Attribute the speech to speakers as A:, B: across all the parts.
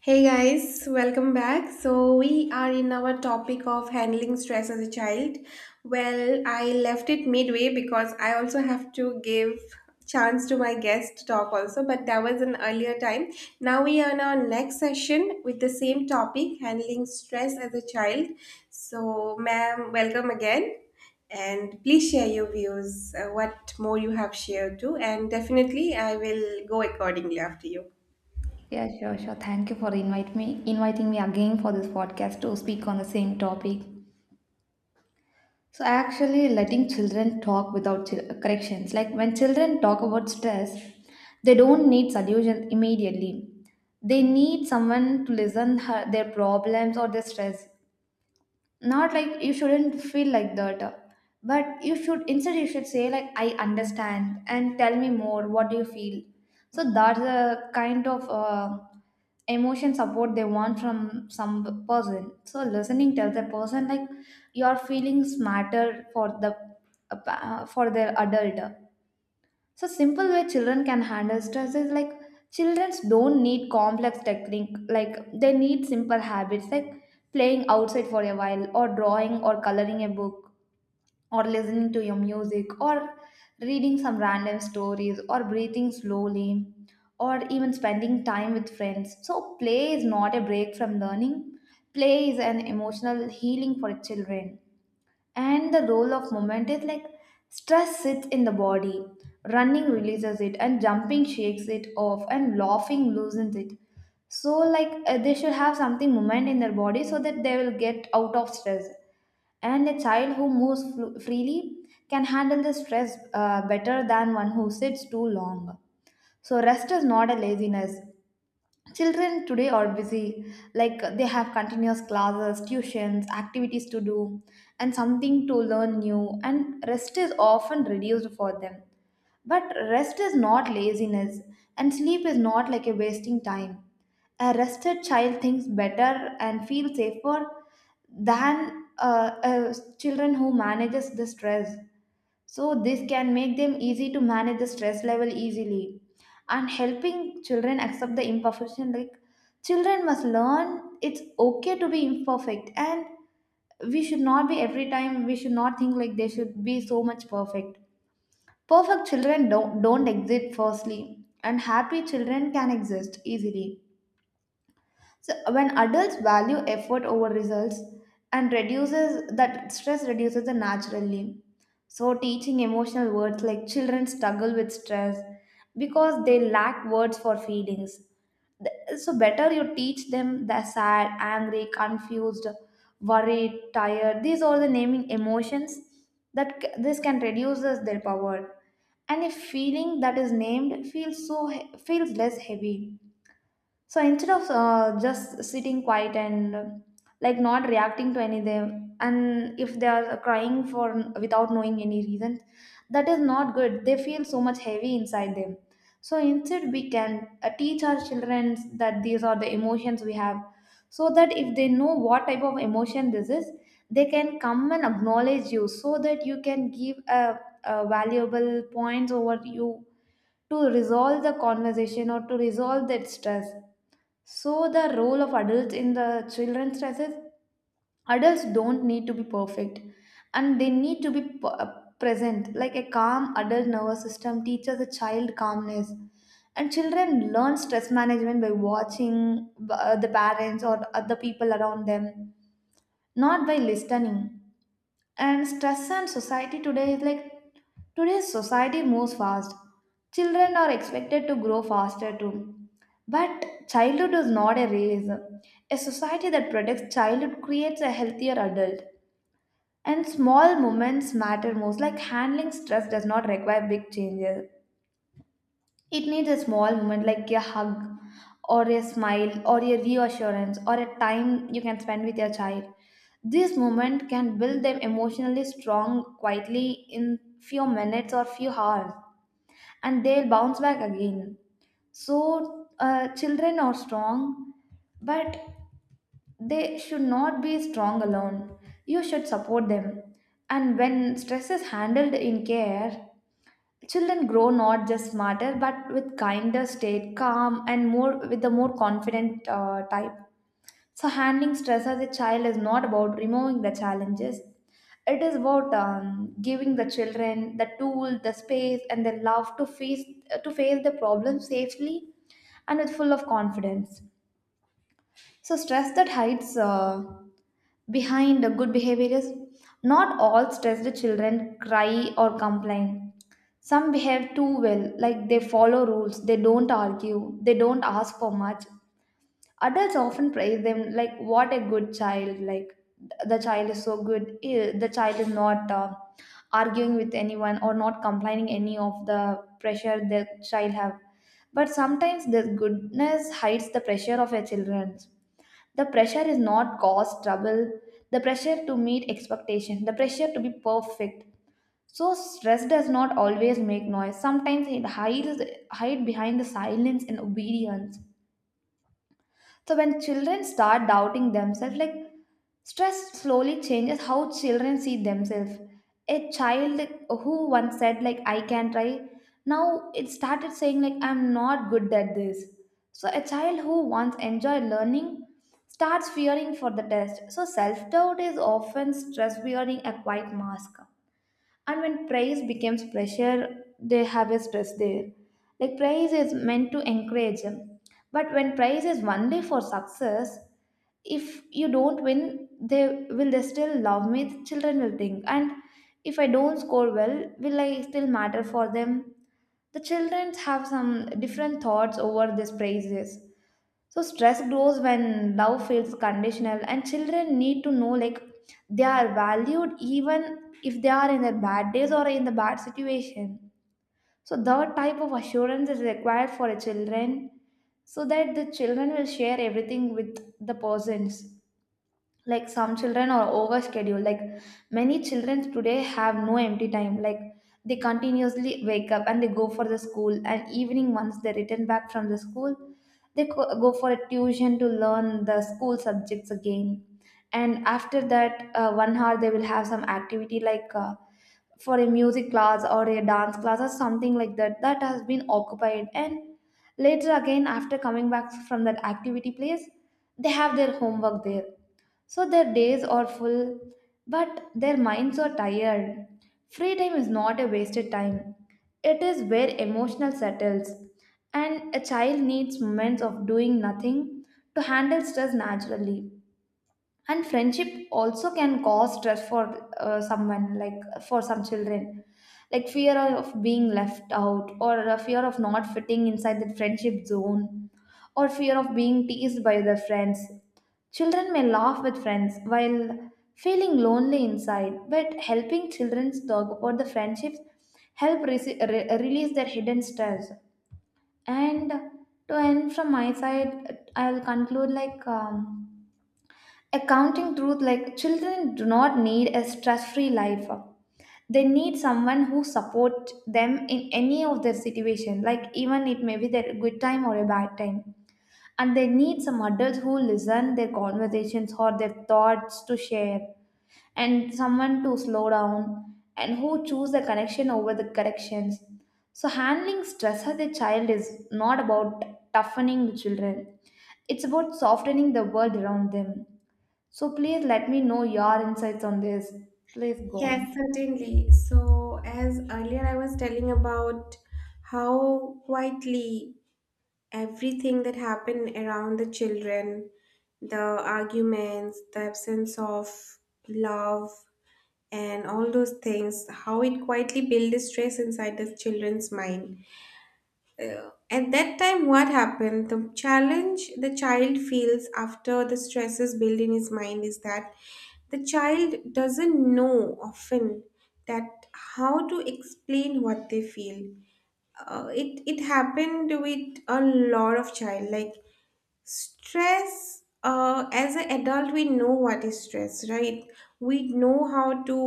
A: Hey guys, welcome back. So, we are in our topic of handling stress as a child. Well, I left it midway because I also have to give chance to my guest to talk also, but that was an earlier time. Now we are in our next session with the same topic, handling stress as a child. So, ma'am, welcome again. And please share your views, what more you have shared too, and definitely I will go accordingly after you.
B: Yeah, sure, sure. Thank you for inviting me again for this podcast to speak on the same topic. So, actually, letting children talk without corrections. Like when children talk about stress, they don't need solution immediately. They need someone to listen their problems or their stress. Not like, you shouldn't feel like that, but you should, instead you should say like, I understand, and tell me more, what do you feel? So that's the kind of emotion support they want from some person. So listening tells the person like your feelings matter for their adult. So simple way children can handle stress is like, children don't need complex technique, like they need simple habits, like playing outside for a while, or drawing, or coloring a book, or listening to your music, or reading some random stories, or breathing slowly, or even spending time with friends. So play is not a break from learning. Play is an emotional healing for children. And the role of movement is like, stress sits in the body, running releases it, and jumping shakes it off, and laughing loosens it. So, like, they should have something movement in their body so that they will get out of stress. And a child who moves freely can handle the stress better than one who sits too long. So, rest is not a laziness. Children today are busy, like they have continuous classes, tuitions, activities to do, and something to learn new, and rest is often reduced for them. But rest is not laziness, and sleep is not like a wasting time. A rested child thinks better and feels safer than children who manages the stress. So, this can make them easy to manage the stress level easily. And helping children accept the imperfection, like children must learn it's okay to be imperfect, and we should not be every time, we should not think like they should be so much perfect. Perfect children don't exist, firstly, and happy children can exist easily. So when adults value effort over results and reduces that, stress reduces the naturally. So teaching emotional words, like children struggle with stress because they lack words for feelings. So better you teach them the sad, angry, confused, worried, tired. These are the naming emotions this can reduce their power. And a feeling that is named feels feels less heavy. So instead of just sitting quiet and like not reacting to any of them, and if they are crying for without knowing any reason, that is not good. They feel so much heavy inside them. So instead, we can teach our children that these are the emotions we have, so that if they know what type of emotion this is, they can come and acknowledge you, so that you can give a valuable points over you to resolve the conversation or to resolve that stress. So the role of adults in the children's stresses, adults don't need to be perfect, and they need to be present. Like a calm adult nervous system teaches a child calmness. And children learn stress management by watching the parents or other people around them, not by listening. And stress and society today is like, today's society moves fast, children are expected to grow faster too, but childhood is not a race. A society that protects childhood creates a healthier adult. And small moments matter most, like handling stress does not require big changes, it needs a small moment, like a hug, or a smile, or a reassurance, or a time you can spend with your child. This moment can build them emotionally strong quietly in few minutes or few hours, and they'll bounce back again. So children are strong, but they should not be strong alone. You should support them. And when stress is handled in care, children grow not just smarter, but with kinder state, calm, and more with a more confident type. So handling stress as a child is not about removing the challenges. It is about giving the children the tool, the space, and the love to face the problem safely and with full of confidence. So stress that hides behind the good behavior is, not all stressed children cry or complain, some behave too well, like they follow rules, they don't argue, they don't ask for much. Adults often praise them, like, what a good child, like, the child is so good. The child is not arguing with anyone or not complaining any of the pressure the child have. But sometimes this goodness hides the pressure of a children. The pressure is not cause trouble, the pressure to meet expectation, the pressure to be perfect. So stress does not always make noise. Sometimes it hides hide behind the silence and obedience. So when children start doubting themselves, like stress slowly changes how children see themselves. A child who once said like, I can try, now it started saying like, I'm not good at this. So a child who once enjoyed learning starts fearing for the test. So self doubt is often stress wearing a quiet mask. And when praise becomes pressure, they have a stress there, like praise is meant to encourage them, but when praise is only for success, if you don't win, they will they still love me, the children will think. And if I don't score well, will I still matter for them, the children have some different thoughts over these praises. So stress grows when love feels conditional, and children need to know like they are valued, even if they are in their bad days or in the bad situation. So that type of assurance is required for a children, so that the children will share everything with the persons. Like some children are over scheduled, like many children today have no empty time, like they continuously wake up and they go for the school, and evening once they return back from the school, they go for a tuition to learn the school subjects again. And after that 1 hour they will have some activity, like for a music class or a dance class or something like that that has been occupied. And later again after coming back from that activity place, they have their homework there. So their days are full, but their minds are tired. Free time is not a wasted time, it is where emotional settles. And a child needs moments of doing nothing to handle stress naturally. And friendship also can cause stress for someone, like for some children, like fear of being left out, or a fear of not fitting inside the friendship zone, or fear of being teased by their friends. Children may laugh with friends while feeling lonely inside, but helping children talk about the friendships help release their hidden stress. And to end from my side, I'll conclude like accounting truth, like children do not need a stress-free life, they need someone who support them in any of their situation, like even it may be their good time or a bad time. And they need some adults who listen their conversations or their thoughts to share, and someone to slow down and who choose the connection over the corrections. So handling stress as a child is not about toughening the children, it's about softening the world around them. So please let me know your insights on this. Please go on.
A: Yes, certainly. So, as earlier I was telling about how quietly everything that happened around the children, the arguments, the absence of love, and all those things, how it quietly built the stress inside the children's mind. At that time, what happened, the challenge the child feels after the stresses build in his mind is that the child doesn't know often that how to explain what they feel. It happened with a lot of child, like stress. As an adult, we know what is stress, right? We know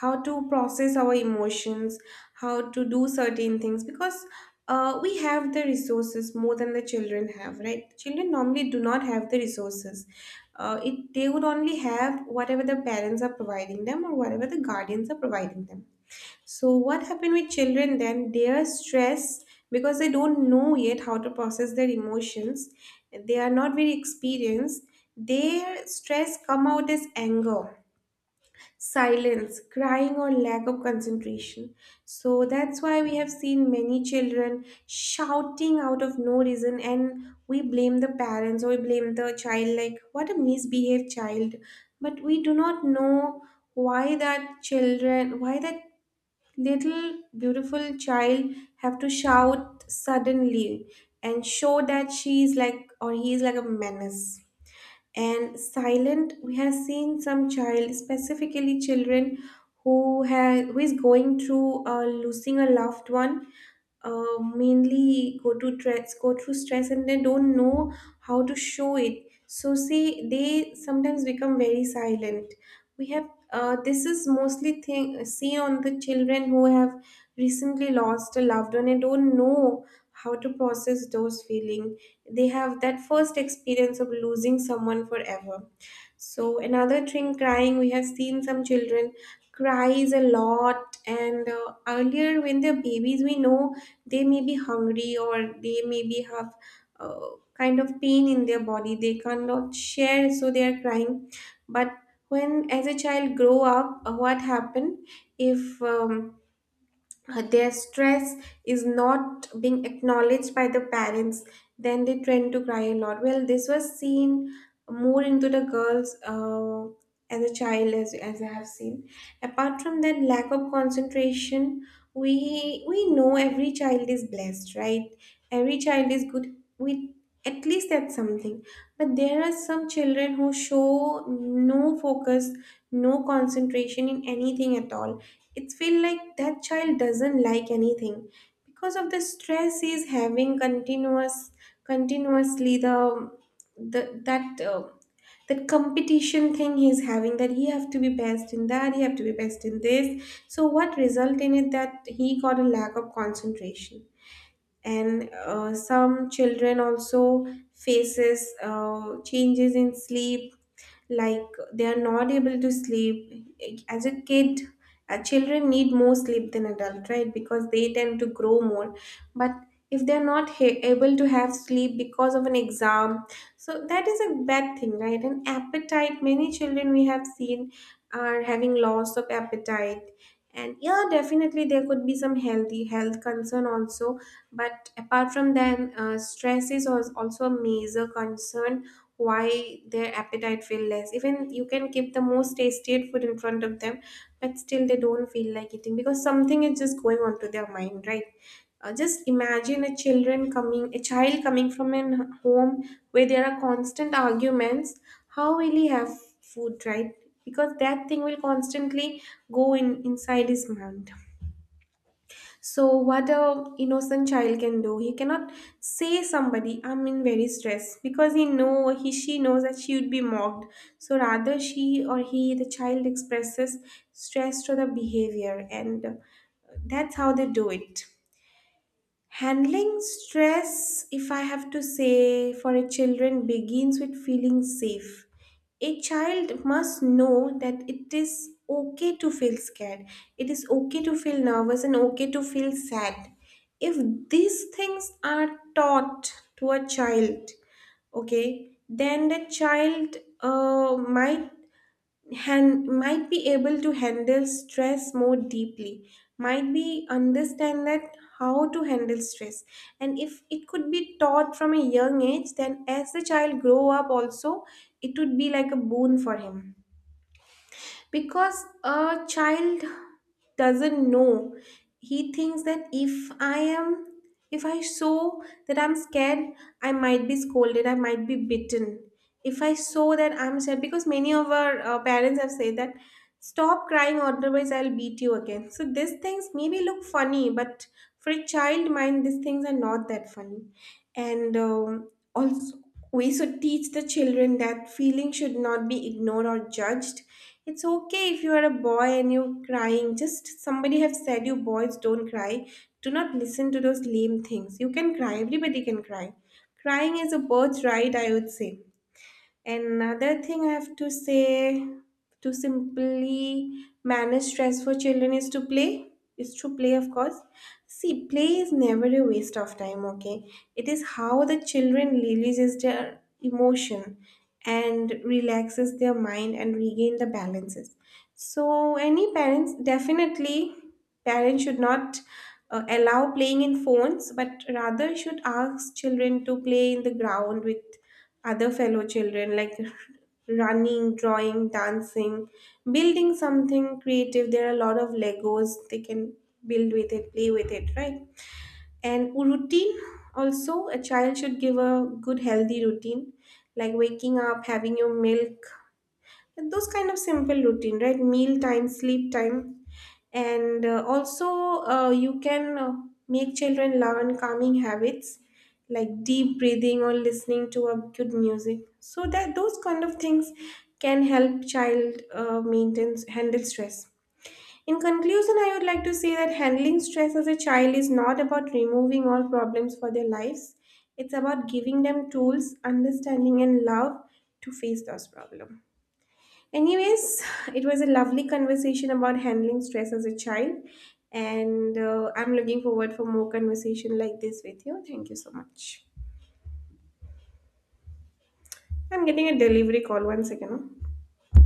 A: how to process our emotions, how to do certain things, because we have the resources more than the children have, right? Children normally do not have the resources. They would only have whatever the parents are providing them or whatever the guardians are providing them. So, what happened with children then? They are stressed because they don't know yet how to process their emotions. They are not very experienced. Their stress come out as anger, silence, crying, or lack of concentration. So that's why we have seen many children shouting out of no reason, and we blame the parents or we blame the child, like, what a misbehaved child. But we do not know why that children, why that little beautiful child have to shout suddenly and show that she is like or he is like a menace. And silent, we have seen some child, specifically children who have, who is going through losing a loved one, mainly go to stress, go through stress, and they don't know how to show it. So see, they sometimes become very silent. We have this is mostly thing seen on the children who have recently lost a loved one and don't know how to process those feelings. They have that first experience of losing someone forever. So another thing, crying. We have seen some children cries a lot, and earlier when they're babies we know they may be hungry or they maybe have uh, kind of pain in their body they cannot share, so they are crying. But when as a child grow up, what happened if their stress is not being acknowledged by the parents, then they tend to cry a lot. Well, this was seen more into the girls, as a child, as I have seen. Apart from that, lack of concentration. We know every child is blessed, right? Every child is good with at least that's something. But there are some children who show no focus, no concentration in anything at all. It feels like that child doesn't like anything because of the stress he's having continuously, the that that competition thing he's having, that he have to be best in that, he have to be best in this. So what result in it, that he got a lack of concentration. And some children also faces changes in sleep, like they are not able to sleep as a kid. Children need more sleep than adult, right? Because they tend to grow more. But if they're not able to have sleep because of an exam, so that is a bad thing, right? And appetite, many children we have seen are having loss of appetite. And yeah, definitely there could be some healthy health concern also, but apart from that, stress is also a major concern, why their appetite feel less. Even you can keep the most tasty food in front of them, but still they don't feel like eating because something is just going on to their mind, right? Just imagine a children coming, a child coming from a home where there are constant arguments. How will he have food, right? Because that thing will constantly go in inside his mind. So what a innocent child can do, he cannot say somebody I'm in very stress, because he know, he she knows that she would be mocked. So rather she or he, the child expresses stress through the behavior, and that's how they do it. Handling stress, if I have to say, for a children begins with feeling safe. A child must know that it is okay to feel scared. It is okay to feel nervous and okay to feel sad. If these things are taught to a child, okay, then the child might might be able to handle stress more deeply, might be understand that how to handle stress. And if it could be taught from a young age, then as the child grow up also, it would be like a boon for him, because a child doesn't know. He thinks that if I am, if I show that I'm scared, I might be scolded, I might be bitten if I show that I'm scared. Because many of our parents have said that stop crying otherwise I'll beat you again. So these things maybe look funny, but for a child mind, these things are not that funny. And also, we should teach the children that feeling should not be ignored or judged. It's okay if you are a boy and you're crying. Just somebody have said you boys don't cry. Do not listen to those lame things. You can cry. Everybody can cry. Crying is a birthright, I would say. Another thing I have to say, to simply manage stress for children is to play. Is to play, of course. See, play is never a waste of time, okay? It is how the children releases their emotion and relaxes their mind and regain the balances. So any parents, definitely parents should not allow playing in phones, but rather should ask children to play in the ground with other fellow children, like running, drawing, dancing, building something creative. There are a lot of Legos they can build with it, play with it, right? And routine also, a child should give a good healthy routine, like waking up, having your milk, and those kind of simple routine, right? Meal time, sleep time. And also, you can make children learn calming habits like deep breathing or listening to a good music, so that those kind of things can help child maintain, handle stress. In conclusion, I would like to say that handling stress as a child is not about removing all problems for their lives. It's about giving them tools, understanding, and love to face those problems. Anyways, it was a lovely conversation about handling stress as a child, and I'm looking forward for more conversation like this with you. Thank you so much. I'm getting a delivery call. One second. Huh?